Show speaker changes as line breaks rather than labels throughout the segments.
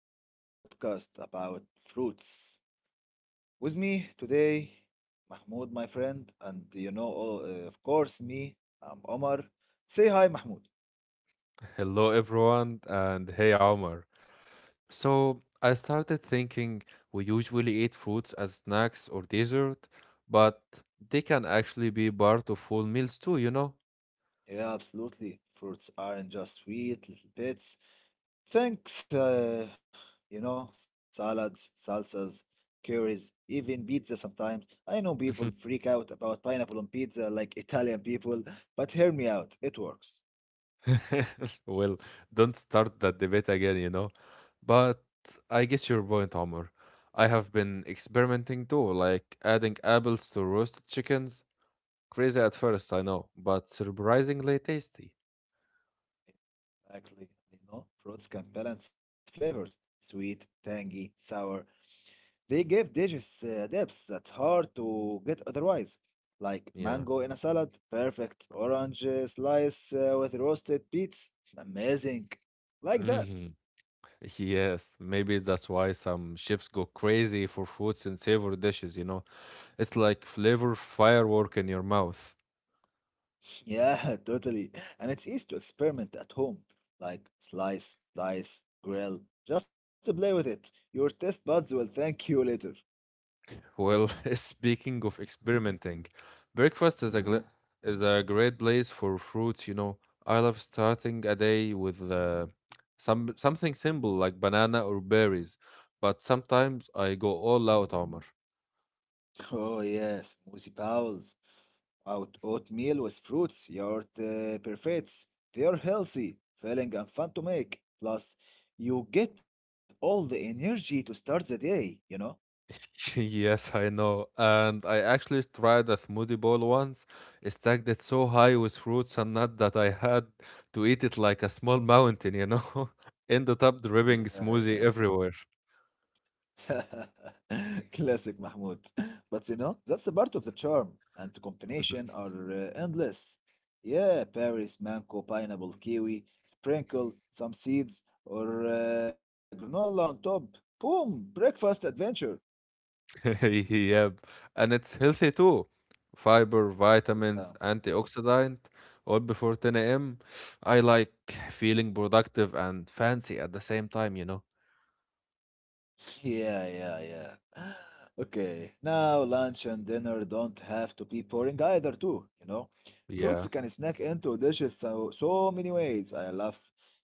to our podcast about fruits. With me today, Mahmoud, my friend, and of course, me, I'm Omar. Say hi, Mahmoud.
Hello, everyone, and hey, Omar. So, I started thinking we usually eat fruits as snacks or dessert, but they can actually be part of full meals too,
Yeah, absolutely. Fruits aren't just sweet little bits. Thanks, salads, salsas, curries, even pizza sometimes. I know people
Mhm.
freak out about pineapple on pizza like Italian people, but hear me out, it works.
Well, don't start that debate again, But I get your point, Omar. I have been experimenting too, like adding apples to roasted chickens. Crazy at first, I know, but surprisingly tasty.
Exactly. And you know, fruits can balance flavors, sweet, tangy, sour. They give dishes depths that's hard to get otherwise. Like
Yeah.
mango in a salad, perfect. Orange slice with roasted beets, amazing. Like that.
Yes, maybe that's why some chefs go crazy for foods and savory dishes, It's like flavor firework in your mouth.
Yeah, totally. And it's easy to experiment at home. Like slice, dice, grill. Just to play with it. Your test buds will thank you later.
Well, speaking of experimenting, breakfast is a Mhm. Is a great place for fruits, I love starting a day with something simple like banana or berries, but sometimes I go all out, Omar.
Oh yes, Moosey Powell's. Out oatmeal with fruits, yogurt perfects. They are healthy, filling, and fun to make. Plus, you get all the energy to start the day, you know?
Yes, I know. And I actually tried a smoothie bowl once, I stacked it so high with fruits and nuts that I had to eat it like a small mountain, Ended up dripping smoothie
Yeah,
everywhere.
yeah. Classic Mahmoud. But you know, that's a part of the charm, and the
Mhm.
combination are endless. Yeah, Paris, mango, pineapple, kiwi, sprinkle some seeds or granola on top. Boom! Breakfast adventure.
Yep. And it's healthy too. Fiber,
Yeah.
vitamins, antioxidant, all before 10 a.m. I like feeling productive and fancy at the same time,
Yeah, yeah, yeah. Okay, now lunch and dinner don't have to be boring either, too, you know? Fruits
Yeah.
can snack into dishes so many ways. I love,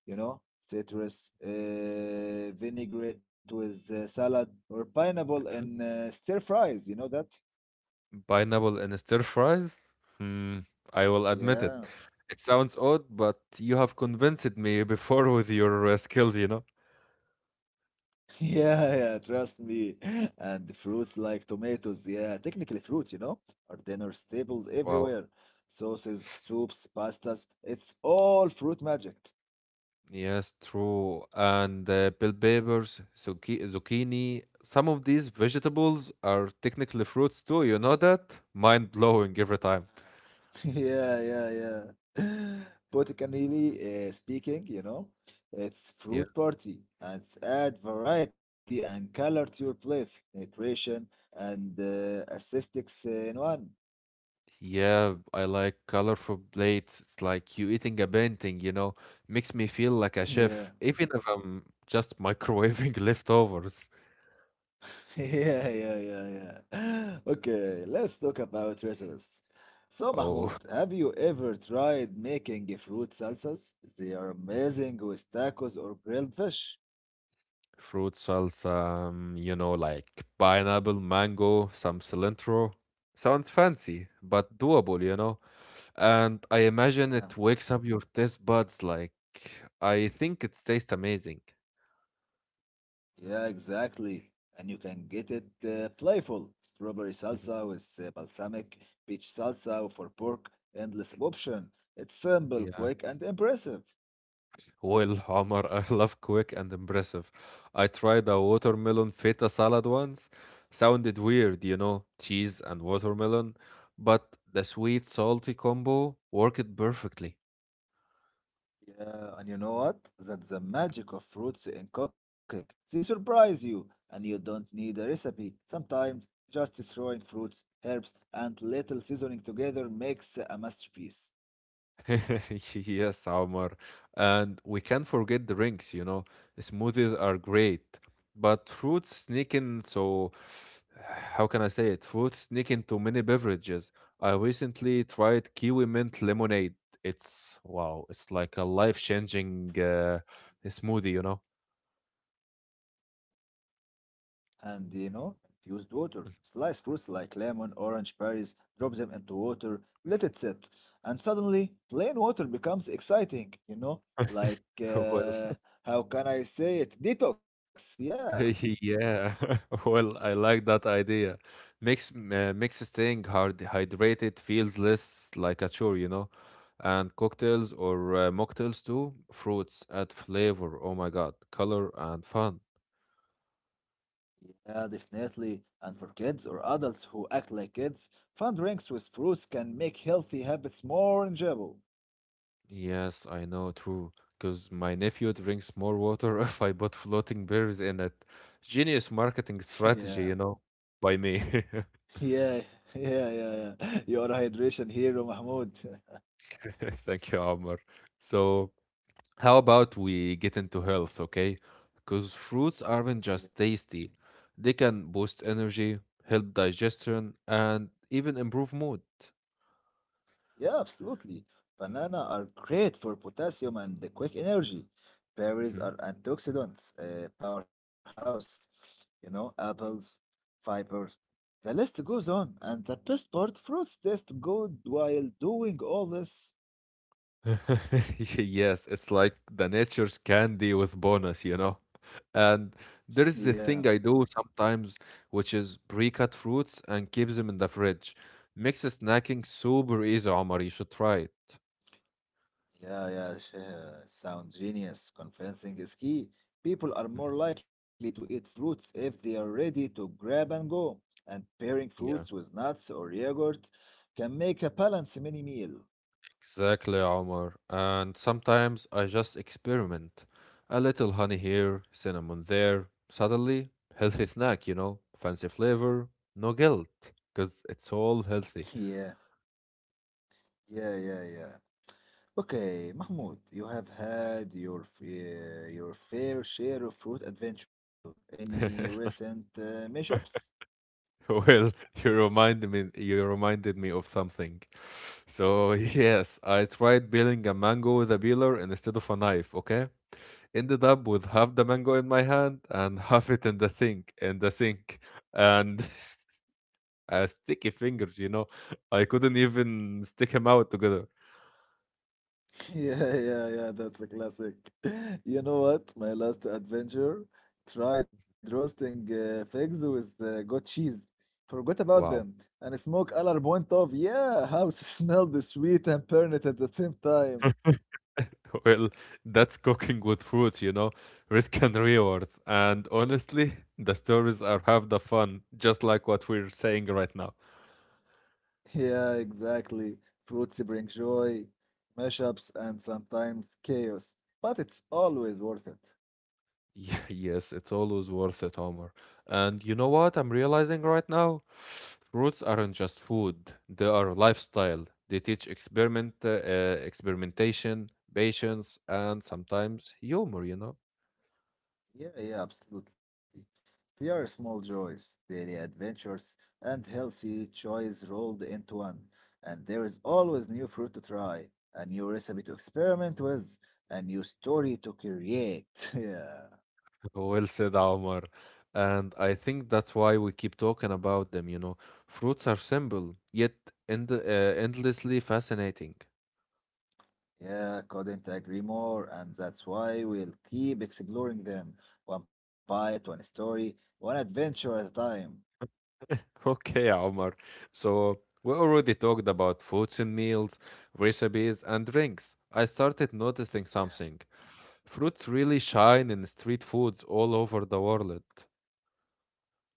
you know, citrus, vinaigrette with salad, or pineapple and stir fries, you know that?
Pineapple and stir fries? Hmm, I will admit it.
Yeah.
It sounds odd, but you have convinced me before with your skills,
Yeah, yeah, trust me. And the fruits like tomatoes, yeah, technically fruit, you know, are dinner staples
Wow.
everywhere. Sauces, soups, pastas, it's all fruit magic.
Yes, true. And bell peppers, zucchini, some of these vegetables are technically fruits too, you know that? Mind blowing every time.
Yeah, yeah, yeah. Botanically speaking, you know, it's
Yeah.
fruit party and it's add variety and color to your plates, nutrition and aesthetics in one.
Yeah, I like colorful plates. It's like you eating a painting, Makes me feel like a chef,
Yeah.
even if I'm just microwaving leftovers.
Yeah, yeah, yeah, yeah. Okay, let's talk about recipes. So, Mahmoud,
Oh,
have you ever tried making fruit salsas? They are amazing with tacos or grilled fish.
fruit salsa, like pineapple, mango, some cilantro. Sounds fancy, but doable, And I imagine
Yeah,
it wakes up your taste buds like I think it tastes amazing.
yeah, exactly. And you can get it playful. Strawberry
Mhm.
salsa with balsamic, peach salsa for pork, endless option. It's simple,
Yeah.
quick, and impressive.
Well, Omar, I love quick and impressive. I tried a watermelon feta salad once. Sounded weird, cheese and watermelon, but the sweet salty combo worked perfectly.
Yeah, and you know what? That's the magic of fruits in cooking. They surprise you, and you don't need a recipe. Sometimes just throwing fruits, herbs, and little seasoning together makes a masterpiece.
Yes, Omar. And we can't forget the drinks, Smoothies are great, but fruits sneak in, so how can I say it? Fruits sneak into many beverages. I recently tried kiwi mint lemonade. It's wow, it's like a life-changing smoothie,
And you know, infused water. Slice fruits like lemon, orange, berries, drop them into water, let it sit. And suddenly, plain water becomes exciting, you know? Like,
Well,
how can I say it? Detox, yeah.
yeah, well, I like that idea. Makes makes staying hard hydrated feels less like a chore, And cocktails or mocktails too. Fruits add flavor. Oh my God, color and fun.
Yeah, definitely. And for kids or adults who act like kids, fun drinks with fruits can make healthy habits more enjoyable.
Yes, I know, true. Because my nephew drinks more water if I put floating berries in it. Genius marketing
Yeah,
strategy, by me.
yeah, yeah, yeah, yeah. You are a hydration hero, Mahmoud.
Thank you, Omar. So. How about we get into health, okay? Because fruits aren't just tasty, they can boost energy, help digestion, and even improve mood.
Yeah, absolutely. Banana are great for potassium and the quick energy. Berries
Mhm.
are antioxidants, powerhouse, you know, apples, fiber. The list goes on, and the best part, fruits taste good while doing all this.
Yes, it's like the nature's candy with bonus, And there is
Yeah.
the thing I do sometimes, which is pre cut fruits and keep them in the fridge. Makes snacking super easy, Omar. You should try it.
Yeah, yeah, sh- Sounds genius. Convincing is key. People are
Mhm.
more likely to eat fruits if they are ready to grab and go. And pairing fruits
Yeah.
with nuts or yogurt can make a balanced mini meal.
Exactly, Omar. And sometimes I just experiment. A little honey here, cinnamon there. Suddenly, healthy snack, Fancy flavor, no guilt, because it's all healthy.
Yeah, yeah, yeah, yeah. Okay, Mahmoud, you have had your your fair share of fruit adventure. Any recent mishaps?
Well, you reminded me of something. So, yes, I tried peeling a mango with a peeler and instead of a knife, okay? Ended up with half the mango in my hand and half it in the sink, in the sink. And sticky fingers, I couldn't even stick them out together.
Yeah, yeah, yeah, that's a classic. You know what? My last adventure tried roasting figs with goat cheese. Forgot about them
Wow.
and smoke alarm went off. Yeah, house smelled sweet and burnt at the same time.
Well, that's cooking with fruit, Risk and rewards. And honestly, the stories are half the fun, just like what we're saying right now.
Yeah, exactly. Fruits bring joy, mashups, and sometimes chaos, but it's always worth it.
Yeah, yes, it's always worth it, Homer. And you know what I'm realizing right now? Fruits aren't just food, they are lifestyle. They teach experiment, experimentation, patience, and sometimes humor,
Yeah, yeah, absolutely. They are small joys, daily adventures, and healthy choice rolled into one. And there is always new fruit to try, a new recipe to experiment with, a new story to create. Yeah,
Well said, Omar. And I think that's why we keep talking about them, Fruits are simple, yet endlessly fascinating.
yeah, couldn't agree more. And that's why we'll keep exploring them, one bite, one story, one adventure at a time.
Okay, Omar. So we already talked about foods and meals, recipes, and drinks. I started noticing
Yeah.
something. Fruits really shine in street foods all over the world.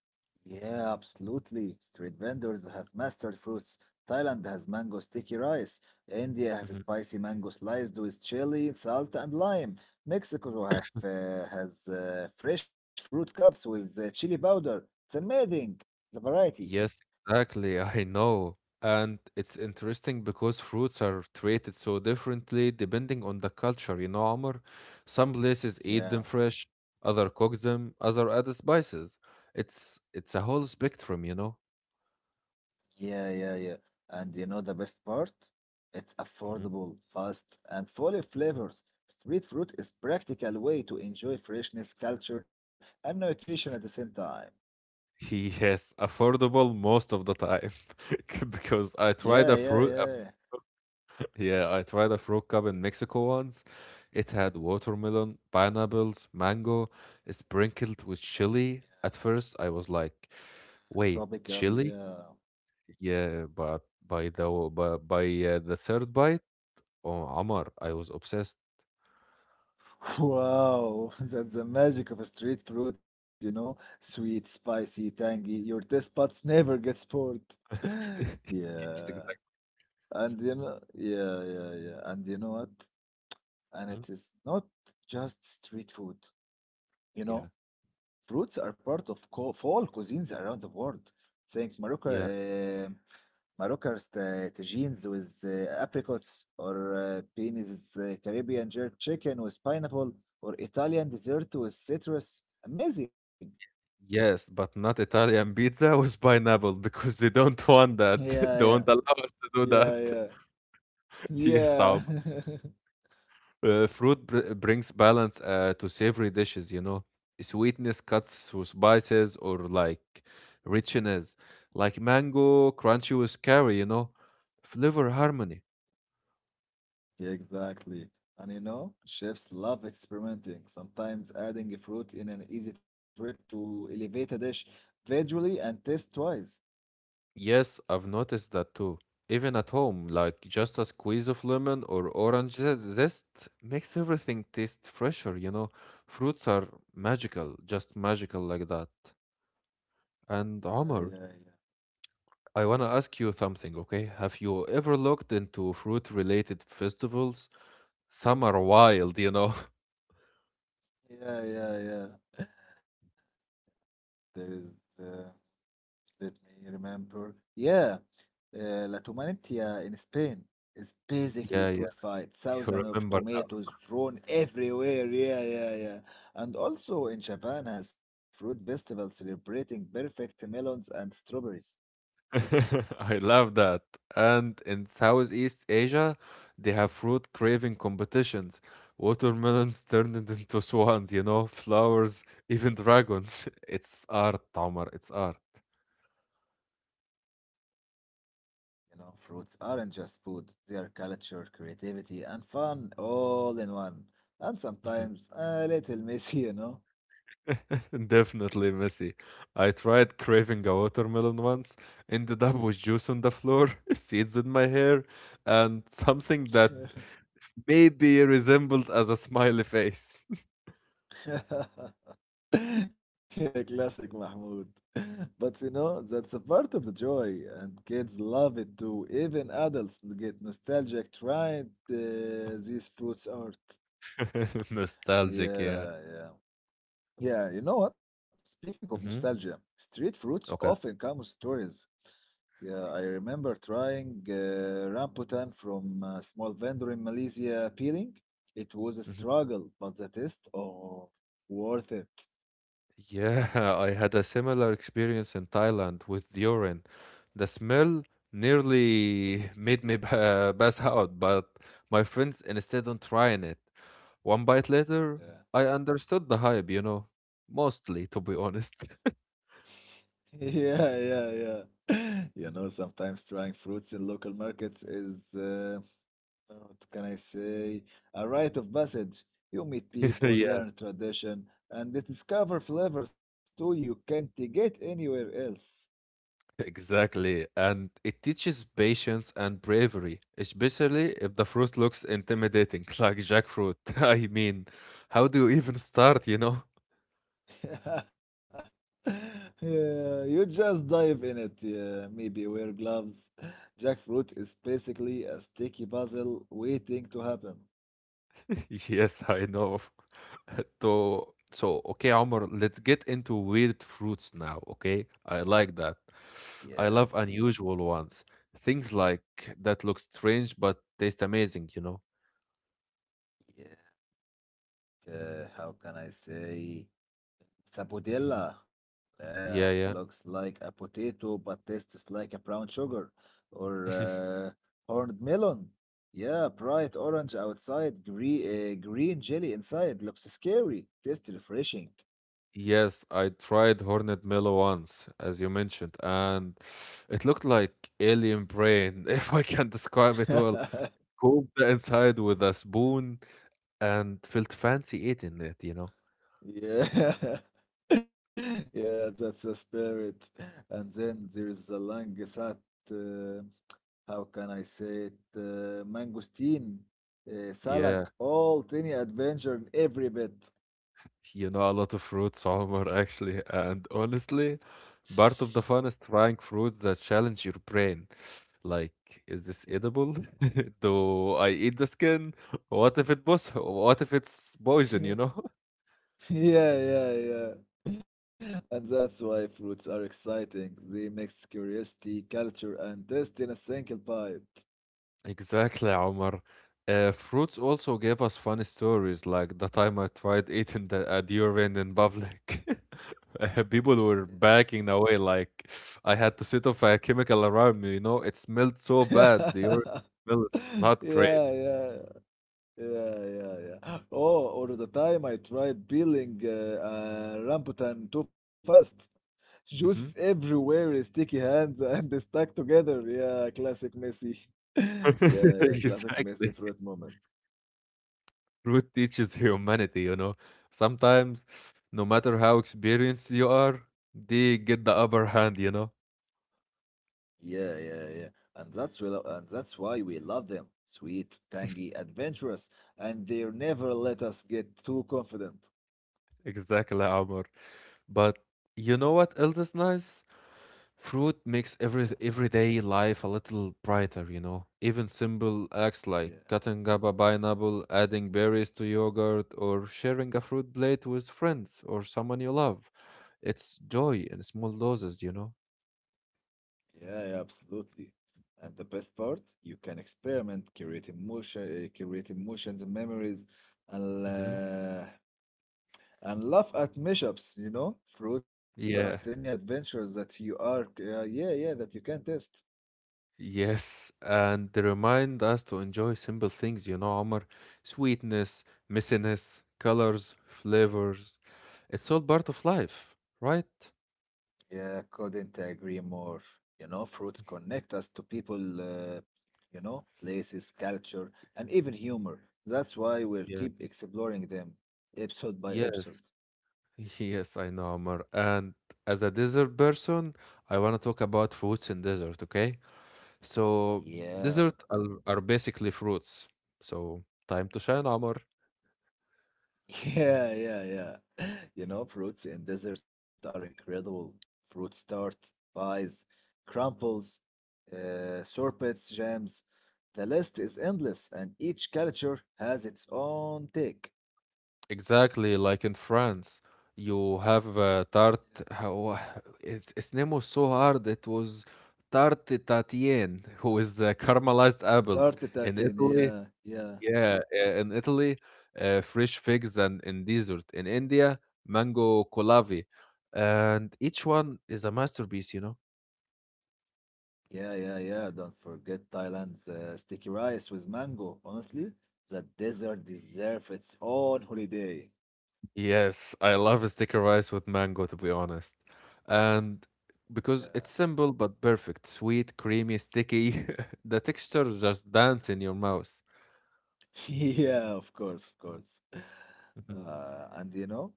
Yeah, absolutely. Street vendors have mastered fruits. Thailand has mango sticky rice. India has
Mm-hmm.
spicy mango sliced with chili, salt, and lime. Mexico have has fresh fruit cups with chili powder. It's amazing, the variety.
Yes, exactly. I know. And it's interesting because fruits are treated so differently depending on the culture, Amr. Some places eat them
Yeah,
fresh, other cook them, other add spices. It's a whole spectrum,
yeah, yeah, yeah. And you know the best part? It's
Mm.
affordable, fast, and full of flavors. Street fruit is practical way to enjoy freshness, culture, and nutrition at the same time.
Yes, affordable most of the time because I
Yeah,
tried a
yeah,
fruit.
yeah.
Yeah, I tried a fruit cup in Mexico once. It had watermelon, pineapples, mango, sprinkled with chili. At first, I was like, "Wait,
Tropical,
chili?"
yeah.
Yeah, but by the third bite, oh, Amar, I was obsessed.
Wow, that's the magic of a street fruit, you know? Sweet, spicy, tangy. Your taste buds never gets bored.
Yes,
Yeah.
exactly.
And you know, yeah, yeah, yeah. And you know what? And
Hmm?
it is not just street food, you
Yeah,
know? Fruits are part of co fall cuisines around the world. Think Morocco,
yeah,
eh, Moroccans, tagines with apricots, or penis, Caribbean jerk chicken with pineapple, or Italian dessert with citrus. Amazing.
yes, but not Italian pizza with pineapple because they don't want that.
Yeah, yeah,
Don't allow us to do
yeah,
that.
yeah,
Yes,
yeah.
Fruit brings balance to savory dishes, Sweetness cuts through spices or like richness, like mango, crunchy with curry, Flavor harmony.
Yeah, exactly. And you know, chefs love experimenting, sometimes adding a fruit in an easy trick to elevate a dish visually and taste twice.
Yes, I've noticed that too. Even at home, like just a squeeze of lemon or orange zest makes everything taste fresher, Fruits are magical, just magical like that. And
Yeah,
Omar,
yeah, yeah.
I want to ask you something, okay? Have you ever looked into fruit related festivals? Some are wild,
Yeah, yeah, yeah. There is, uh, let me remember. Yeah, La Tumanintia in Spain is
Yeah,
basically
yeah,
fruit fight.
you
Thousands of
remember now.
tomatoes thrown everywhere. Yeah, yeah, yeah. And also in Japan has fruit festival celebrating perfect melons and strawberries.
I love that. And in Southeast Asia, they have fruit craving competitions. Watermelons turned it into swans, flowers, even dragons. It's art, Tamar, it's art.
You know, fruits aren't just food. They are culture, creativity, and fun all in one. And sometimes a little messy, you know.
Definitely messy. I tried craving a watermelon once, ended up with juice on the floor, seeds in my hair, and something that maybe resembled as a smiley face.
Yeah, classic Mahmoud. But you know, that's a part of the joy, and kids love it too. Even adults get nostalgic trying these fruits art.
Nostalgic, yeah.
Yeah, yeah. Yeah, you know what? Speaking of nostalgia,
Hmm.
street fruits often
Okay.
come with stories. Yeah, I remember trying rambutan from a small vendor in Malaysia peeling. It was a
Mm-hmm.
struggle, but the taste, oh, worth it.
Yeah, I had a similar experience in Thailand with urine. The smell nearly made me pass out, but my friends insisted on trying it. One bite later, I
Yeah.
understood the hype, mostly to be honest.
Yeah, yeah, yeah. You know, sometimes trying fruits in local markets is, what can I say, a rite of passage. You meet people,
Yeah,
learn tradition, and they discover flavors too you can't get anywhere else.
exactly. And it teaches patience and bravery, especially if the fruit looks intimidating, like jackfruit. I mean, how do you even start,
Yeah, you just dive in it. Yeah, maybe wear gloves. Jackfruit is basically a sticky puzzle waiting to happen.
Yes, I know. So, okay, Omar, let's get into weird fruits now, okay? I like that.
Yeah,
I love unusual ones. Things like that look strange but taste amazing,
yeah. How can I say?
Hmm.
Sapodilla.
Yeah,
Looks
yeah.
like a potato but tastes like a brown sugar. Or horned melon. Yeah, bright orange outside, green jelly inside. Looks scary. Tastes refreshing.
Yes, I tried hornet melon once, as you mentioned, and it looked like alien brain, if I can describe it well. Cooked the inside with a spoon and felt fancy eating it,
Yeah. Yeah, that's a spirit. And then there is the Langsat, uh, how can I say it? Mangosteen,
Yeah.
salak, all tiny adventure in every bit.
You know, a lot of fruits, Omar, actually. And honestly, part of the fun is trying fruits that challenge your brain. Like, is
Yeah.
this edible? Do I eat the skin? What if it's poison,
Yeah, yeah, yeah. And that's why fruits are exciting. They mix curiosity, culture, and taste in a single bite.
Exactly, Omar. Fruits also gave us funny stories, like the time I tried eating a durian in public. People were backing away, like I had to sit off a chemical around me. You know, it smelled so bad. The
Yeah,
urine smell is not
yeah,
great.
yeah, yeah, yeah. Oh, or the time I tried peeling a rambutan too fast. Juice
Mhm.
everywhere, sticky hands, and they stuck together. Yeah, classic messy. Yeah, yeah, classic messy
Exactly.
fruit moment.
Fruit teaches humanity, Sometimes, no matter how experienced you are, they get the upper hand,
Yeah, yeah, yeah. And that's why we love them. Sweet, tangy, adventurous, and they never let us get too confident.
Exactly, Omar. But you know what else is nice? Fruit
Yeah,
makes everyday life a little brighter, Even simple acts
yeah,
like cutting up a pineapple, adding berries to yogurt, or sharing a fruit plate with friends or someone you love. It's joy in small doses,
yeah. Yeah, yeah, absolutely. And the best part, you can create emotions and memories, and
Hmm.
uh, and laugh at mishaps, you know? Fruits are tiny
Yeah.
adventures yeah, yeah, that you can test.
Yes, and they remind us to enjoy simple things, Omar. Sweetness, messiness, colors, flavors. It's all part of life, right?
Yeah, couldn't agree more. You know, fruits connect us to people, you know, places, culture, and even humor. That's why we'll
Yeah.
keep exploring them episode by episode.
Yes. Yes, I know, Amar. And as a desert person, I want to talk about fruits in desert, okay? So,
Yeah,
are basically fruits. So, time to shine, Amar.
yeah, yeah, yeah. You know, fruits in desert are incredible. Fruit tart, pies, crumples, sorbets, jams. The list is endless, and each culture has its own take.
Exactly, like in France, you have tart. How, its name was so hard. It was tarte tatienne, who is caramelized apples.
Started at
In
in,
Italy,
yeah, yeah,
Yeah, yeah, in Italy, fresh figs and in desert. In India, mango kolavi. And each one is a masterpiece,
yeah, yeah, yeah. Don't forget Thailand's sticky rice with mango. Honestly, the desert deserves its own holiday.
Yes, I love sticker rice with mango, to be honest. And
Yeah,
because it's simple but perfect, sweet, creamy, sticky, the texture just dance in your mouth.
yeah, of course, of course.
Mhm,
And you know,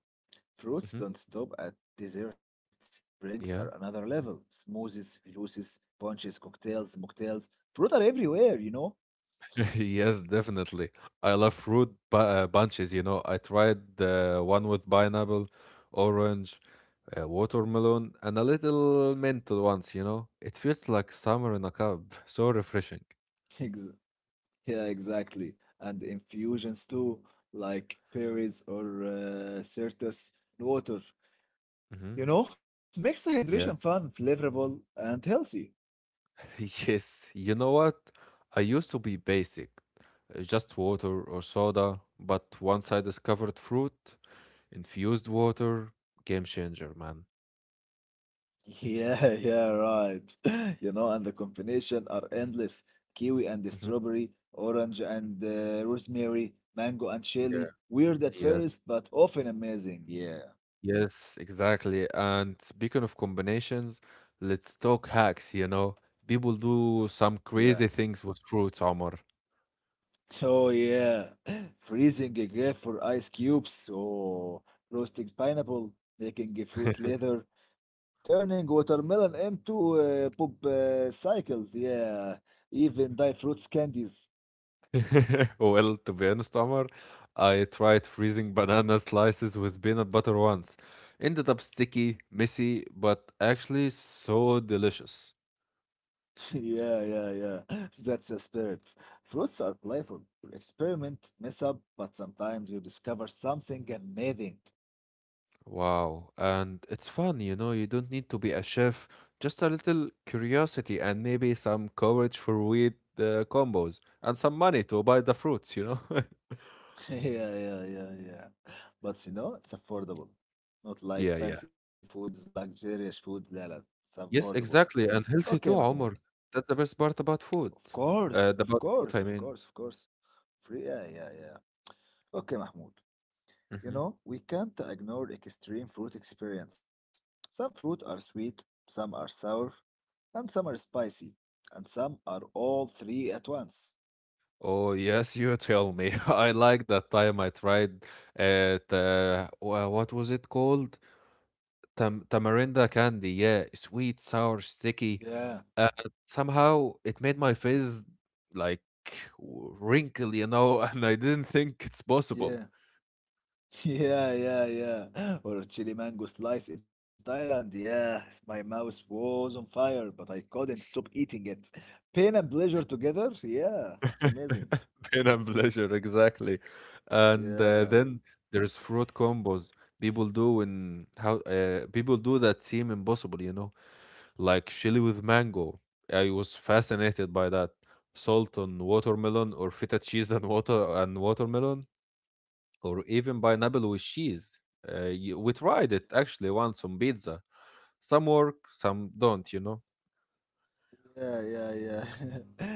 fruits
mhm,
don't stop at desserts. Drinks are
Yeah.
another level. Smoothies, juices, punches, cocktails, mocktails. Fruit are everywhere, you know?
Yes, definitely. I love fruit bu bunches, I tried the one with pineapple, orange, watermelon, and a little mint once, It feels like summer in a cup. So refreshing.
Ex- Yeah, exactly. And infusions too, like berries or citrus water.
Hmm.
You know, makes the hydration
Yeah.
fun, flavorful, and healthy.
Yes. You know what? I used to be basic, just water or soda, but once I discovered fruit, infused water, game changer, man.
Yeah, yeah, right. You know, and the combination are endless. Kiwi and
Hmm.
strawberry, orange and rosemary, mango and
Yeah.
chili. Weird at
Yes.
first, but often amazing. Yeah,
Yes, exactly. And speaking of combinations, let's talk hacks, People do some
yeah.
crazy things with fruits, Omar.
Oh yeah, freezing a grape for ice cubes, or roasting pineapple, making a fruit leather, turning watermelon into pop cycles. Yeah, even dye fruits candies.
Well, to be honest, Omar, I tried freezing banana slices with peanut butter once. Ended up sticky, messy, but actually so delicious.
Yeah, yeah, yeah. That's a spirit. Fruits are playful. You experiment, mess up, but sometimes you discover something amazing.
Wow. And it's fun, you don't need to be a chef, just a little curiosity and maybe some courage for weird combos and some money to buy the fruits, you know?
Yeah, yeah, yeah, yeah. But you know, it's affordable. Not like
Yeah, yeah.
fancy foods, luxurious food. لا لا, it's affordable.
Yes, exactly. And
Okay,
healthy too,
Mahmoud.
Omar. That's the best part about
Of
food.
course, of
About
course,
food,
of
I mean.
course, of course. Free, yeah, yeah, yeah. Okay, Mahmoud. You
Mhm.
know, we can't ignore extreme fruit experience. Some fruit are sweet, some are sour, and some are spicy, and some are all three at once.
Oh, yes, you tell me. I like that time I tried it. What was it called? Tamarinda candy. Yeah, sweet, sour, sticky.
Yeah,
Uh, Somehow it made my face like wrinkle, and I didn't think it's possible.
yeah. Yeah, yeah, yeah. Or chili mango slice in Thailand. Yeah, my mouth was on fire, but I couldn't stop eating it. Pain and pleasure together. Yeah, it's amazing.
Pain and pleasure, exactly. And
Yeah,
then there's fruit combos people do in how people do that seem impossible, you know, like chili with mango. I was fascinated by that. Salt on watermelon, or feta cheese and water and watermelon, or even pineapple with cheese. We tried it actually once on pizza. Some work, some don't, you know?
yeah, yeah, yeah.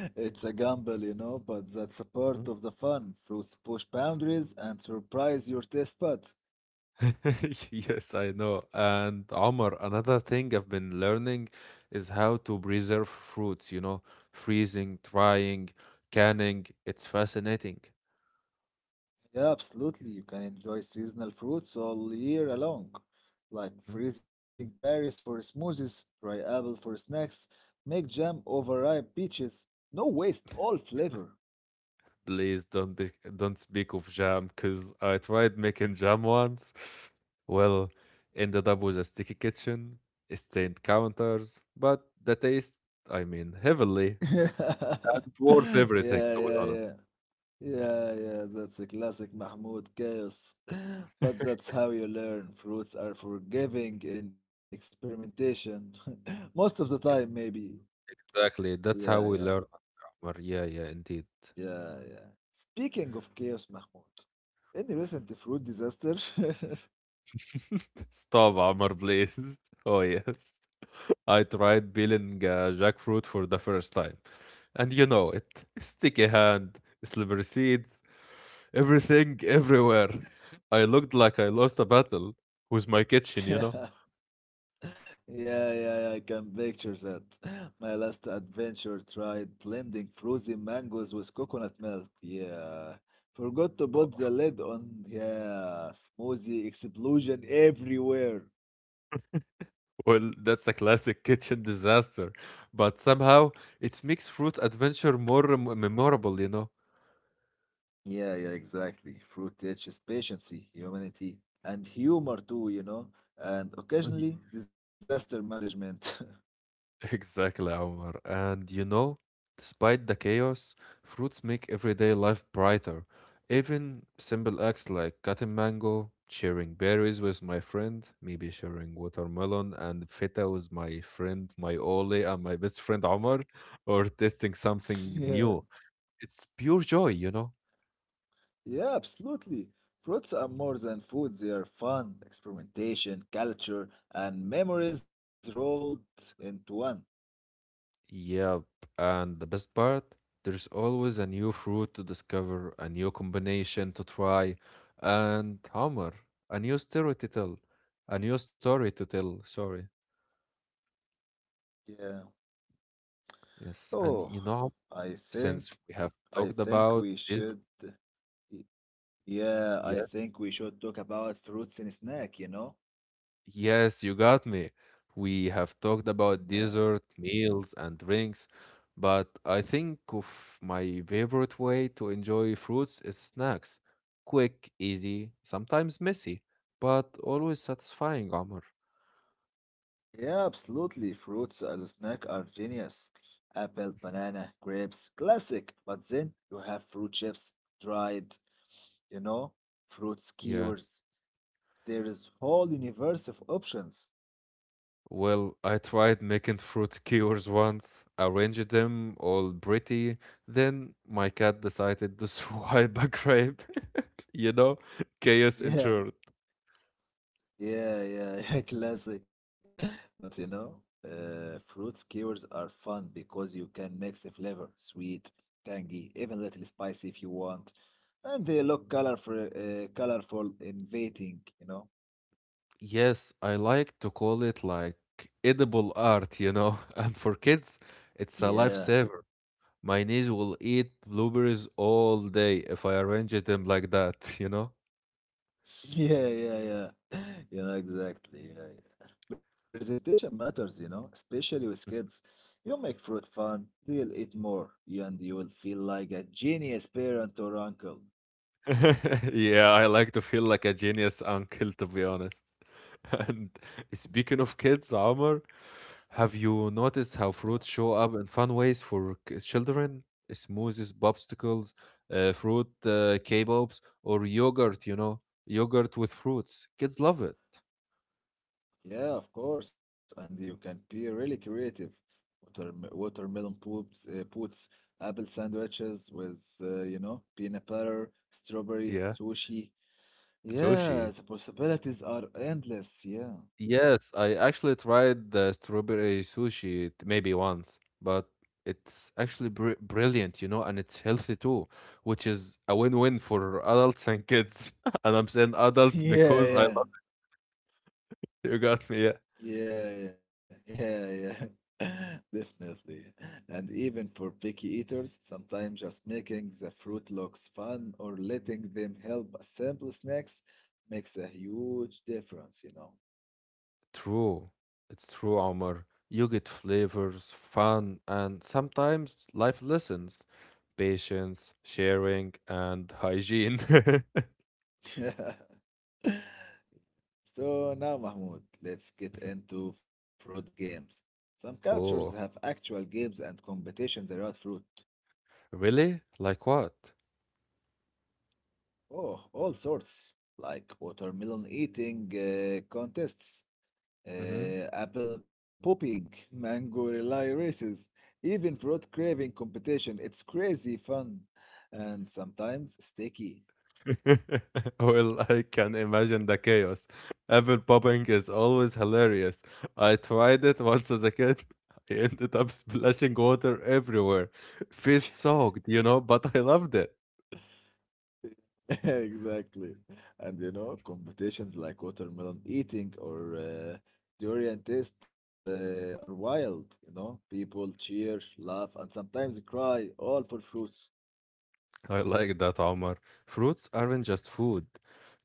It's a gamble, you know, but that's a part
Mhm.
of the fun. Fruits push boundaries and surprise your taste buds.
Yes, I know. And Omar, another thing I've been learning is how to preserve fruits, you know, freezing, drying, canning. It's fascinating.
Yeah, absolutely. You can enjoy seasonal fruits all year long, like
Hmm?
freezing berries for smoothies, dry apple for snacks, make jam over ripe peaches. No waste, all flavor.
Please don't be, Don't speak of jam because I tried making jam once. Well, ended up with a sticky kitchen, stained counters, but the taste, I mean, heavily and worth
Yeah,
everything, to be
yeah,
honest.
yeah. Yeah, yeah, that's a classic Mahmoud chaos. But that's how you learn. Fruits are forgiving in experimentation. Most of the time, maybe.
Exactly. That's how we
Yeah,
learn.
yeah.
Amr. Yeah, yeah, indeed.
Yeah, yeah. Speaking of chaos, Mahmoud, any recent fruit disaster?
Stop, Amr, please. Oh yes. I tried peeling jackfruit for the first time. And you know it. Sticky hand, slippery seeds, everything everywhere. I looked like I lost a battle with my kitchen, you know?
Yeah, yeah, yeah, I can picture that. My last adventure tried blending frozen mangoes with coconut milk. Yeah. Forgot to put
Oh,
the lid on. Yeah. Smoothie explosion everywhere.
well, that's a classic kitchen disaster, but somehow it makes fruit adventure more memorable,
Yeah, yeah, exactly. Fruit teaches patience, humanity, and humor too, you know, and occasionally disaster management.
Exactly, Omar. And you know, despite the chaos, fruits make everyday life brighter. Even simple acts like cutting mango, sharing berries with my friend, maybe sharing watermelon and feta with my friend, my Ole, and my best friend Omar, or tasting something
Yeah.
new. It's pure joy,
Yeah, absolutely. Fruits are more than food, they are fun, experimentation, culture, and memories rolled into one.
Yep, and the best part, there's always a new fruit to discover, a new combination to try, and Homer, a new story to tell, a new story to tell, sorry.
Yeah.
Yes,
Oh,
and you know,
I think
since we have
I
talked
think
about
we
this,
should y- yeah, I think we should talk about fruits in a snack, you know?
yes, you got me. We have talked about
Yeah.
dessert, meals, and drinks, but I think of my favorite way to enjoy fruits is snacks. Quick, easy, sometimes messy, but always satisfying, Omar.
Yeah, absolutely. Fruits as a snack are genius. Apple,
Mhm.
banana, grapes, classic. But then you have fruit chips, dried, you know, fruit
Yeah.
skewers. There is whole universe of options.
Well, I tried making fruit skewers once. I arranged them all pretty. Then my cat decided to swipe a grape. You know, chaos
Yeah,
ensued.
yeah, yeah, yeah, classic. But fruit skewers are fun because you can mix a flavor, sweet, tangy, even little spicy if you want, and they look colorful, colorful, inviting. You know.
Yes, I like to call it like edible art, And for kids, it's a
Yeah.
lifesaver. My niece will eat blueberries all day if I arrange them like that,
Yeah, yeah, yeah. Yeah, exactly. Yeah, yeah. Presentation matters, you know, especially with kids.
Mhm.
You make fruit fun, they'll eat more, you and you will feel like a genius parent or uncle.
Yeah, I like to feel like a genius uncle, to be honest. And speaking of kids, Omar, have you noticed
Yeah.
how fruits show up in fun ways for children? Smoothies, popsicles, fruit kebabs, or yogurt, you know, yogurt with fruits. Kids love it.
Yeah, of course. And you can be really creative. Watermelon puts, apple sandwiches with, you know, peanut butter, strawberry,
Yeah,
sushi. Yeah,
sushi.
the possibilities are endless. Yeah.
Yes, I actually tried the strawberry sushi maybe once, but it's actually br brilliant, you know, and it's healthy too, which is a win-win for adults and kids. And I'm saying adults
Yeah,
because I
yeah.
You got me. Yeah.
Yeah, yeah, yeah, yeah. Definitely. And even for picky eaters, sometimes just making the fruit looks fun or letting them help assemble snacks makes a huge difference, you
True. It's true, Omar. You get flavors, fun, and sometimes life lessons, patience, sharing, and hygiene.
know. So now, Mahmoud, let's get into fruit games. Some cultures have
Oh,
actual games and competitions around fruit.
really? Like what?
Oh, all sorts, like watermelon eating contests.
Hmm.
Apple popping, mango relay races, even fruit craving competition. It's crazy fun and sometimes sticky.
Well, I can imagine the chaos. Apple popping is always hilarious. I tried it once as a kid. I ended up splashing water everywhere. Face soaked, you know, but I loved it.
Exactly. And competitions like watermelon eating or durian taste are wild. You know, people cheer, laugh, and sometimes cry, all for fruits.
I like that, Omar. Fruits aren't just food,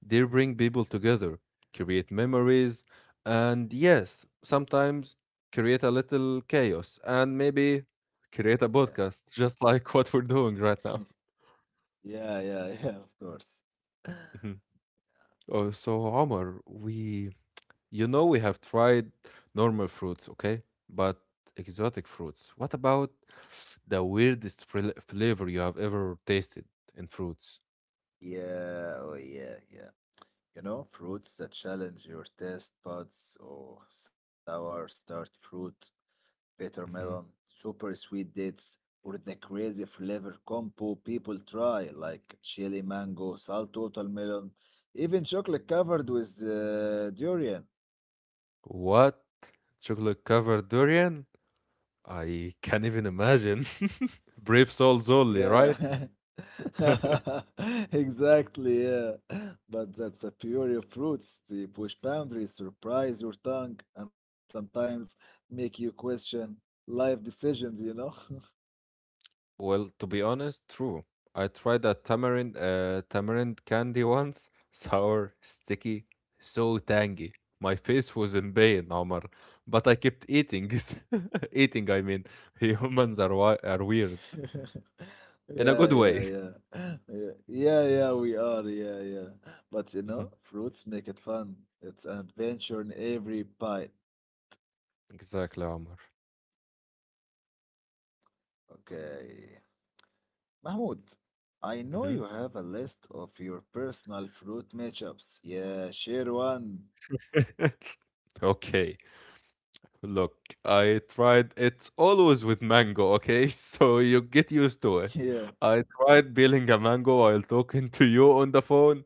they bring people together, create memories, and yes, sometimes create a little chaos and maybe create a
Yeah.
podcast, just like what we're doing right now.
Yeah, yeah, yeah, of course.
Mhm. Oh, so, Omar, you know, we have tried normal fruits, okay? But exotic fruits. What about the weirdest flavor you have ever tasted in fruits?
Yeah, oh yeah, yeah. You know, fruits that challenge your taste buds or sour start fruit, bitter melon, super sweet dates, or the crazy flavor combo people try, like chili mango, salty watermelon, even chocolate covered with durian.
What? Chocolate covered durian? I can't even imagine. Brave souls only, right?
Yeah. Exactly, yeah. But that's the fury of fruits. They push boundaries, surprise your tongue, and sometimes make you question life decisions, you know?
Well, to be honest, true. I tried a tamarind tamarind candy once. Sour, sticky, so tangy. My face was in pain, Omar, but I kept eating it. Eating, I mean. Humans are are weird in a
Yeah,
good
yeah,
way.
yeah. Yeah, yeah, yeah, we are, yeah, yeah. But you
Mhm.
know, fruits make it fun. It's an adventure in every bite.
Exactly, Omar.
Okay. Mahmoud, I know you
Hmm.
have a list of your personal fruit matchups. Yeah, share one.
Okay. Look, I tried. It's always with mango, okay? So you get used to it.
Yeah.
I tried peeling a mango while talking to you on the phone.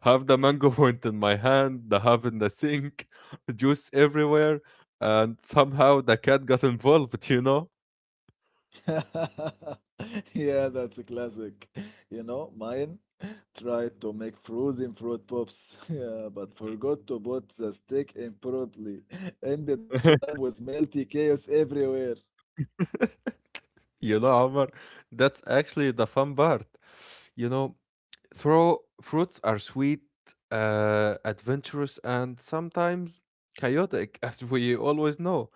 Half the mango went in my hand, the half in the sink, juice everywhere, and somehow the cat got involved, you know?
Yeah, that's a classic. You know, mine tried to make frozen fruit pops, yeah, but forgot to put the stick in properly. Ended up with melty chaos everywhere.
You know, Omar, that's actually the fun part. You know, throw fruits are sweet, adventurous, and sometimes chaotic, as we always know,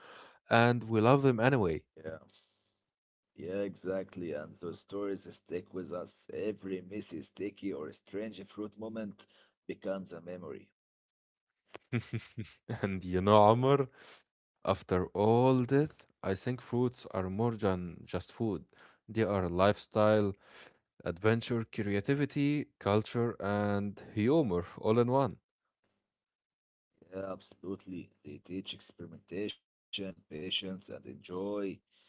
and we love them anyway.
Yeah. Yeah, exactly. And those stories stick with us. Every messy, sticky, or strange fruit moment becomes a memory.
And you know, Amr, after all this, I think fruits are more than just food. They are lifestyle, adventure, creativity, culture, and humor all in one.
Yeah, absolutely. They teach experimentation, patience, and enjoy.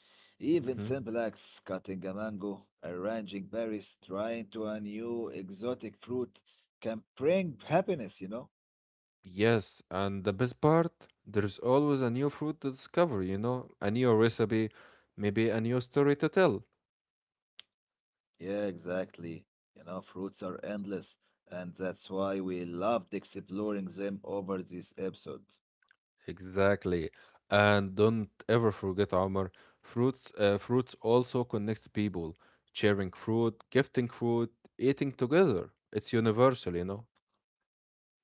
Even
Hmm.
simple acts, cutting a mango, arranging berries, trying to a new exotic fruit can bring happiness, you know?
Yes, and the best part, there's always a new fruit to discover, you know, a new recipe, maybe a new story to tell.
Yeah, exactly. You know, fruits are endless, and that's why we loved exploring them over this episode.
Exactly. And don't ever forget, Omar, fruits also connects people. Sharing fruit, gifting fruit, eating together. It's universal, you know.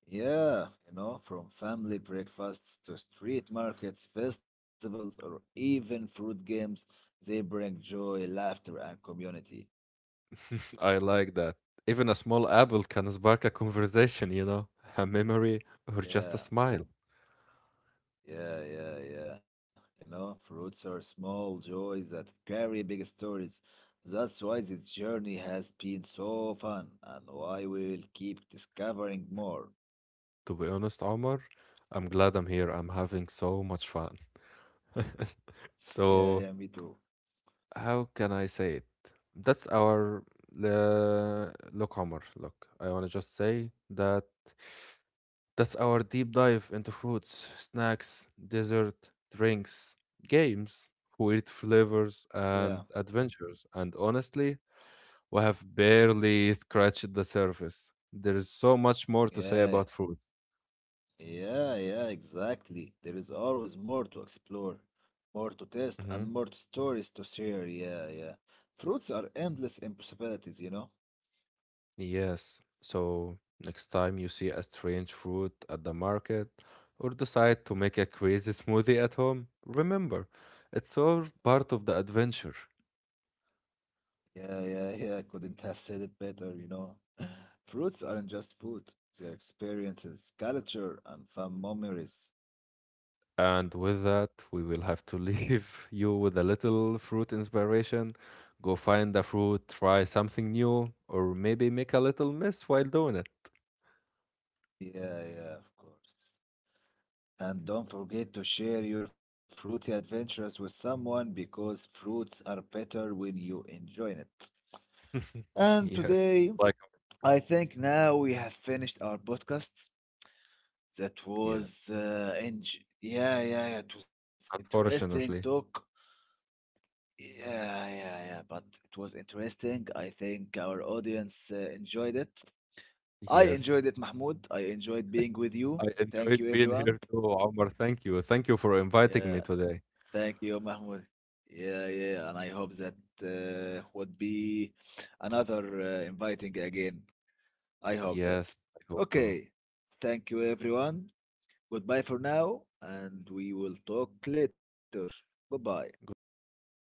Yeah, you know, from family breakfasts to street markets, festivals, or even fruit games, they bring joy, laughter, and community.
I like that. Even a small apple can spark a conversation, you know, a memory or just a
Yeah,
smile.
yeah, yeah, yeah. You know, fruits are small joys that carry big stories. That's why this journey has been so fun and why we will keep discovering more.
To be honest, Omar, I'm glad I'm here. I'm having so much fun.
Yeah, yeah, me
So,
too.
how can I say it? That's our Look, Omar. Look, I want to just say that that's our deep dive into fruits, snacks, dessert, drinks, games, weird flavors,
Yeah,
and adventures. And honestly, we have barely scratched the surface. There is so much more to say
yeah.
about fruit.
Yeah, yeah, exactly. There is always more to explore, more to test, and more stories to share. Yeah, yeah. Fruits are endless in possibilities, you know?
Yes. So next time you see a strange fruit at the market or decide to make a crazy smoothie at home, remember, it's all part of the adventure.
Yeah, yeah, yeah. Couldn't have said it better, you know? Fruits aren't just food, they're experiences, culture, and fun memories.
And with that, we will have to leave you with a little fruit inspiration. Go find a fruit, try something new, or maybe make a little mess while doing it.
Yeah, yeah, of course. And don't forget to share your fruity adventures with someone because fruits are better when you enjoy it. And
Yes,
today,
like our
I
podcast.
think now we have finished our podcast. That
Yeah,
was yeah, yeah, yeah. It was interesting
unfortunately.
talk. Yeah, yeah, yeah. But it was interesting. I think our audience enjoyed it. I
Yes.
enjoyed it, Mahmoud. I enjoyed being with you.
I
Thank
enjoyed
you,
being here
everyone.
too, Omar. Thank you. Thank you for inviting
Yeah,
me today.
thank you, Mahmoud. Yeah, yeah. And I hope that would be another inviting again. I hope that.
Yes, I hope to.
Okay. Thank you, everyone. Goodbye for now, and we will talk later. Goodbye.
Goodbye, Omar.